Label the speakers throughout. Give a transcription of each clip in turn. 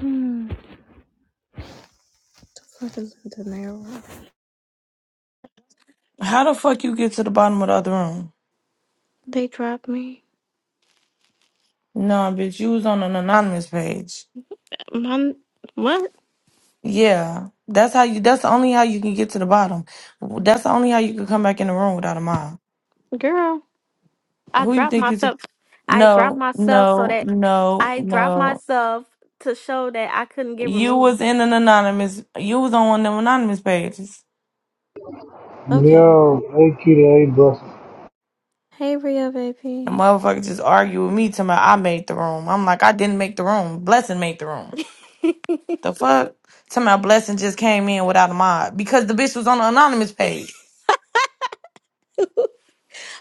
Speaker 1: Hmm. What is it, De Niro.
Speaker 2: How the fuck you get to the bottom of the other room?
Speaker 1: They dropped me.
Speaker 2: Nah, bitch, you was on an anonymous page.
Speaker 1: My what,
Speaker 2: Yeah, that's how you. That's the only how you can get to the bottom. That's the only how you can come back in the room without a mob.
Speaker 1: girl? I
Speaker 2: Who you
Speaker 1: dropped
Speaker 2: think you? t-
Speaker 1: myself. I dropped
Speaker 2: No,
Speaker 1: myself so
Speaker 2: no,
Speaker 1: that
Speaker 2: no,
Speaker 1: I dropped
Speaker 2: no.
Speaker 1: myself to show that I couldn't get
Speaker 2: You
Speaker 1: removed.
Speaker 2: was in an anonymous. You was on one of them anonymous pages.
Speaker 1: Okay.
Speaker 3: Yo, hey, kitty, hey, bro.
Speaker 1: Hey, Rio,
Speaker 2: The
Speaker 1: baby.
Speaker 2: motherfucker just argued with me. Talking about I made the room. I'm like I didn't make the room. Blessing made the room. The fuck? Talking about blessing just came in without a mod because the bitch was on an anonymous page.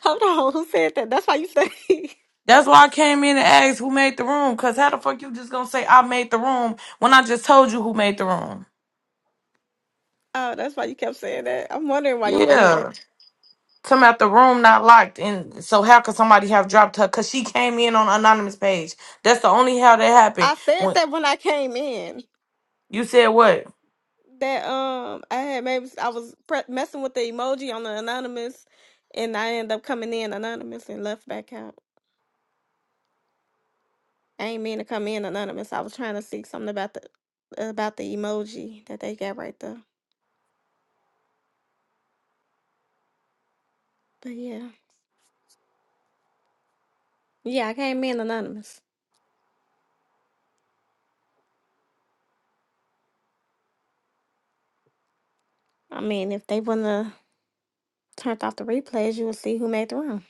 Speaker 1: Hold on, who said that? That's why you say.
Speaker 2: That's why I came in and asked who made the room. Cause how the fuck you just gonna say I made the room when I just told you who made the room?
Speaker 1: oh, that's why you kept saying that. I'm wondering why you on that.
Speaker 2: Yeah. Come out the room not locked, and so how could somebody have dropped her? Cause she came in on anonymous page. That's the only how that happened.
Speaker 1: I said
Speaker 2: When
Speaker 1: that when I came in.
Speaker 2: you said what
Speaker 1: that um I had maybe I was pre- messing with the emoji on the anonymous, and I ended up coming in anonymous and left back out. I ain't mean to come in anonymous. I was trying to see something about the about the emoji that they got right there. But yeah, yeah, I came in anonymous. I mean, if they wouldn't have turned off the replays, you would see who made the room.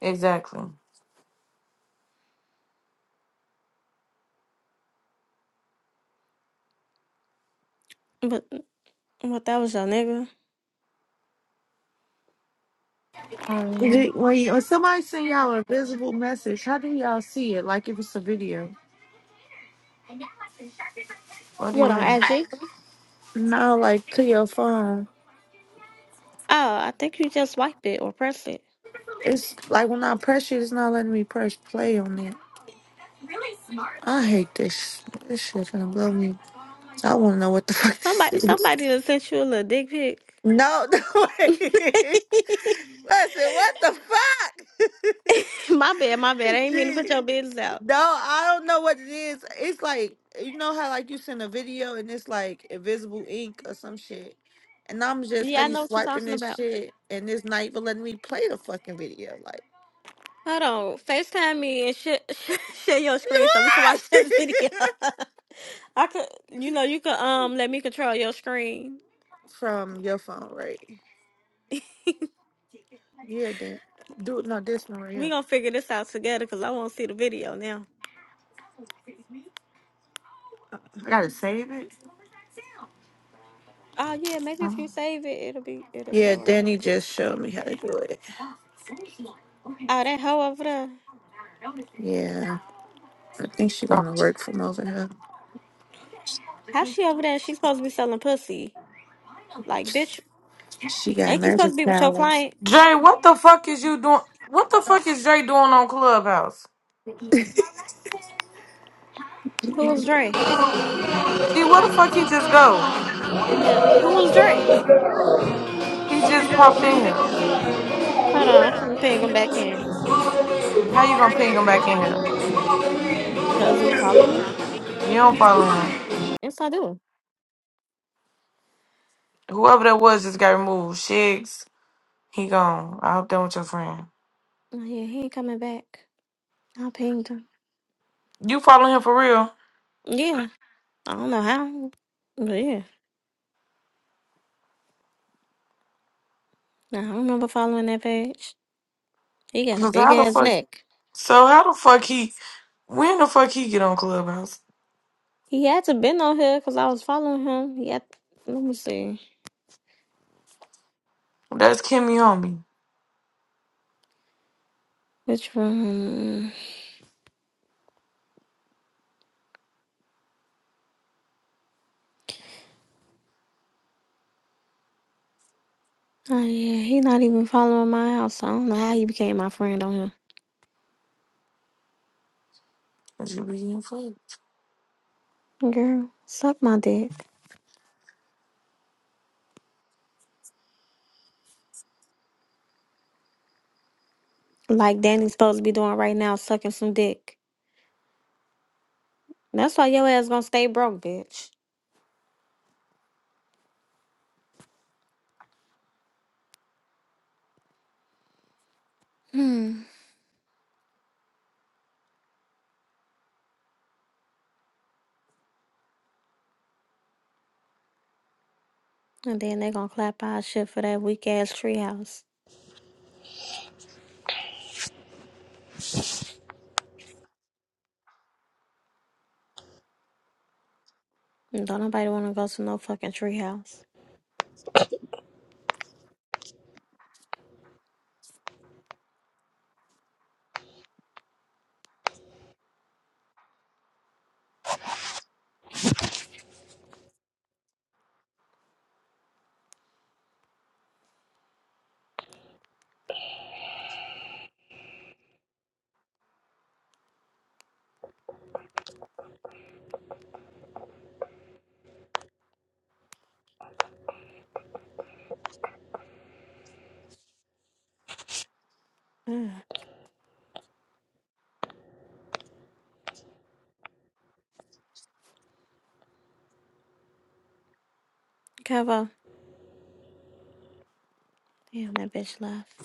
Speaker 2: exactly?
Speaker 1: But what that was your nigga?
Speaker 4: Is
Speaker 2: Mhm.
Speaker 4: it- When, when somebody send y'all a visible message, how do y'all see it? Like if it's a video?
Speaker 2: What do you
Speaker 1: What on
Speaker 2: mean,
Speaker 1: IG?
Speaker 4: No, like to your phone.
Speaker 1: Oh, I think you just swiped it or pressed it.
Speaker 4: It's like when I press it, it's not letting me press play on it. I hate this. This shit gonna blow me. I wanna know what the fuck this
Speaker 1: Somebody, somebody
Speaker 4: is.
Speaker 1: done sent you a little dick pic.
Speaker 4: No, no way. Listen, what the fuck?
Speaker 1: My bad, my bad. I ain't mean to put
Speaker 4: Gee.
Speaker 1: your business out.
Speaker 4: No, I don't know what it is. It's like you know how like you send a video and it's like invisible ink or some shit. And I'm just
Speaker 1: Yeah, I
Speaker 4: steady
Speaker 1: know what you're
Speaker 4: swiping
Speaker 1: talking
Speaker 4: this
Speaker 1: about.
Speaker 4: shit and this not even letting me play the fucking video. Like
Speaker 1: Hold on, FaceTime me and share, share your screen so we can watch this video. I could, you know, you could um let me control your screen.
Speaker 4: from your phone, right? Yeah, Dan. Do no this one right
Speaker 1: We
Speaker 4: here.
Speaker 1: gonna figure this out together because I want to see the video now.
Speaker 4: I gotta save it.
Speaker 1: Oh yeah, maybe if
Speaker 4: Oh.
Speaker 1: you save it, it'll be it'll
Speaker 4: Yeah,
Speaker 1: show up.
Speaker 4: Danny just showed me how to do it.
Speaker 1: Oh, that hoe over there.
Speaker 4: Yeah. I think she gonna work from over here.
Speaker 1: How she over there? She's supposed to be selling pussy. Like, bitch,
Speaker 4: She got
Speaker 1: ain't you supposed
Speaker 4: magic
Speaker 1: to be with your
Speaker 4: powers.
Speaker 1: client?
Speaker 2: Jay? What the fuck is you doing? What the fuck is Jay doing on Clubhouse?
Speaker 1: Who was Dre?
Speaker 2: Gee, where the fuck he just go?
Speaker 1: Yeah, who was Dre?
Speaker 2: He just popped in here.
Speaker 1: Hold on, I'm finna ping him back in.
Speaker 2: How you gonna ping him back in here?
Speaker 1: Does he follow me?
Speaker 2: You don't follow him.
Speaker 1: Yes, I do.
Speaker 2: Whoever that was just got removed. Shiggs, he gone. I hope that was your friend.
Speaker 1: Oh, yeah, he ain't coming back. I pinged him.
Speaker 2: You follow him for real?
Speaker 1: Yeah, I don't know how, but yeah, Nah, I remember following that page. He got a
Speaker 2: 'Cause
Speaker 1: big
Speaker 2: how the
Speaker 1: ass
Speaker 2: fuck?
Speaker 1: neck.
Speaker 2: So how the fuck he? When the fuck he get on Clubhouse?
Speaker 1: He had to been on here because I was following him. He had, let me see,
Speaker 2: That's Kimmy homie.
Speaker 1: which one? Oh yeah, he not even following my house. I don't know how he became my friend on here.
Speaker 2: That you be getting fucked.
Speaker 1: Girl, suck my dick like Danny's supposed to be doing right now, sucking some dick. That's why your ass gonna stay broke, bitch. Hmm. And then they gonna clap our shit for that weak ass treehouse. And Don't nobody wanna go to no fucking treehouse. Ugh. Kevo. Damn, that bitch left.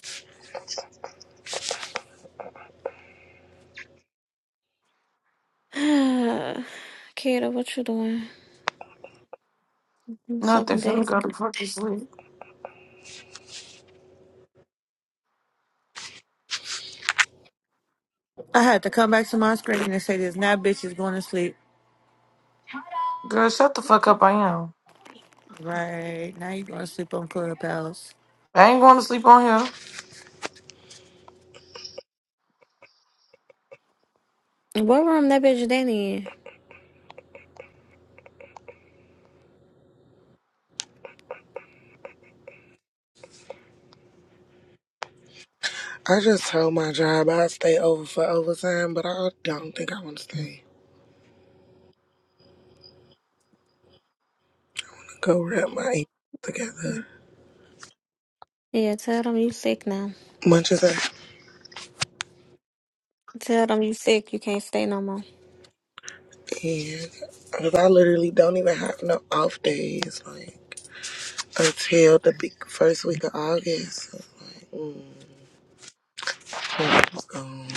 Speaker 1: Kira, what you doing? I'm
Speaker 2: Nothing.
Speaker 1: sucking
Speaker 2: Finna
Speaker 1: dick.
Speaker 2: go to fucking sleep.
Speaker 4: I had to come back to my screen and say this. Now, bitch is going to sleep.
Speaker 2: Girl, shut the fuck up. I am.
Speaker 4: Right now, you going to sleep on Clubhouse.
Speaker 2: I ain't going to sleep on here.
Speaker 1: What room that bitch Danny
Speaker 5: I just told my job I stay over for overtime, but I don't think I want to stay. Go wrap my ankles together.
Speaker 1: in? Yeah, tell them you sick now.
Speaker 5: Munches are
Speaker 1: Tell them you sick. You can't stay no more.
Speaker 5: in. Cause I literally don't even have no off days, like, until the big first week of August. So, Like, mm, I'm gone.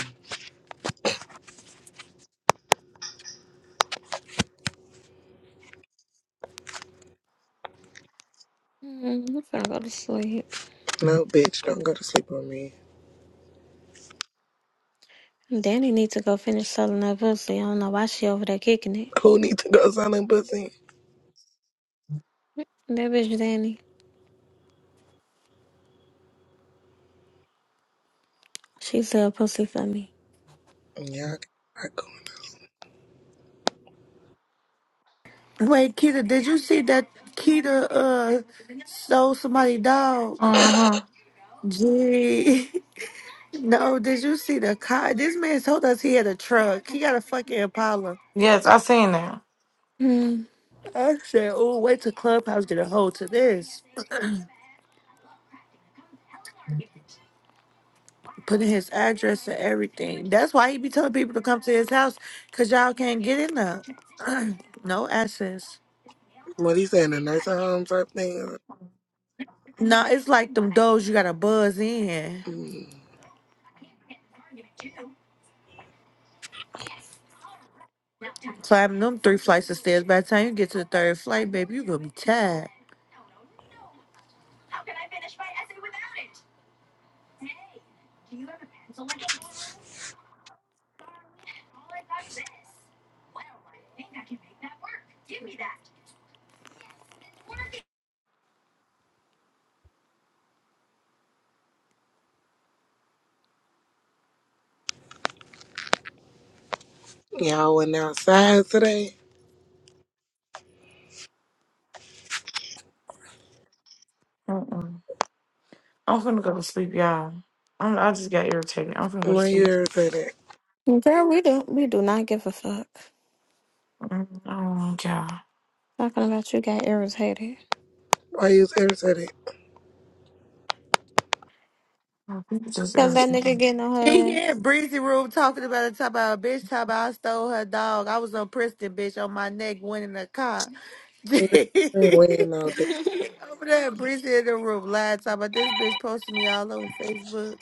Speaker 1: Mm, I'm finna go to sleep.
Speaker 5: No, bitch, don't go to sleep on me.
Speaker 1: Danny need to go finish selling that pussy. I don't know why she over there kicking it.
Speaker 5: Who need to go selling pussy?
Speaker 1: That bitch Danny. She sell pussy for me.
Speaker 5: Yeah, I go.
Speaker 4: Wait, Keita, did you see that Keita uh stole somebody dog?
Speaker 2: Mm-hmm.
Speaker 4: Gee, no. Did you see the car? This man told us he had a truck. He got a fucking Impala.
Speaker 2: Yes, I seen that.
Speaker 1: Mm.
Speaker 4: I said, "Oh, wait till Clubhouse get a hold to this." Putting his address and everything. That's why he be telling people to come to his house, cause y'all can't get in there. no access.
Speaker 5: What he saying, a nursing home type thing?
Speaker 4: Nah, it's like them doors you gotta buzz in.
Speaker 5: Mm.
Speaker 4: Climbing them three flights of stairs. By the time you get to the third flight, baby, you gonna be tired.
Speaker 5: Y'all went outside today?
Speaker 2: Mm-mm. I'm finna go to sleep, y'all. I'm, I just got irritated. I'm finna go to
Speaker 5: Why you
Speaker 2: sleep.
Speaker 5: irritated?
Speaker 1: Girl, we do we do not give a fuck.
Speaker 2: Mm-mm. I don't want y'all.
Speaker 1: Talking about you got irritated.
Speaker 5: I use Internet.
Speaker 2: People just
Speaker 1: Cause that
Speaker 2: irritated.
Speaker 1: nigga getting on
Speaker 4: She
Speaker 1: her
Speaker 4: here, breezy room talking about it, talking about a bitch, talking about I stole her dog. I was on Princeton, bitch, on my neck, winning a car. Over
Speaker 5: Waiting out there.
Speaker 1: ass.
Speaker 4: there, breezy in the room, lying, talking about this bitch posting me all over Facebook.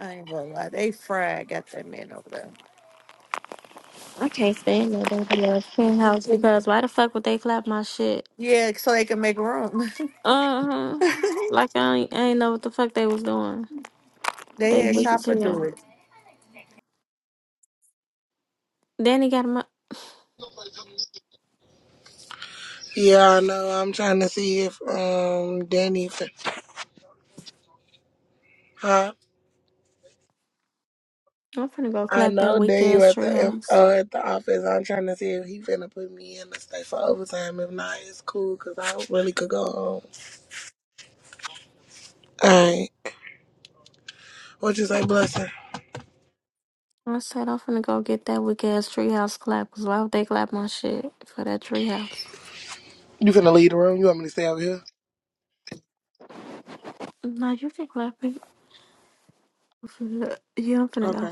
Speaker 4: I ain't gonna lie, they fried, got that man over there.
Speaker 1: I can't stand that baby ass penthouse because why the fuck would they clap my shit?
Speaker 4: Yeah, so they can make room.
Speaker 1: Uh-huh. Like I ain't, I ain't know what the fuck they was doing.
Speaker 4: they
Speaker 1: They
Speaker 4: had
Speaker 1: wicked to
Speaker 4: Chopper
Speaker 1: you.
Speaker 4: do it.
Speaker 1: Danny got him up.
Speaker 5: Yeah, I know. I'm trying to see if um Danny. Fin- huh?
Speaker 1: I'm finna go
Speaker 5: I
Speaker 1: clap that
Speaker 5: know
Speaker 1: weak
Speaker 5: Danny
Speaker 1: ass
Speaker 5: at the um,
Speaker 1: treehouse.
Speaker 5: uh, at the office. I'm trying to see if he finna put me in to stay for overtime. If not, it's cool because I really could go home. All right. What you say, blessing?
Speaker 1: I said I'm finna go get that weak ass treehouse clap. Cause why would they clap my shit for that treehouse?
Speaker 5: You finna leave the room? You want me to stay over here?
Speaker 1: No, you can clap it. Yeah, I'm finna go.
Speaker 5: Okay.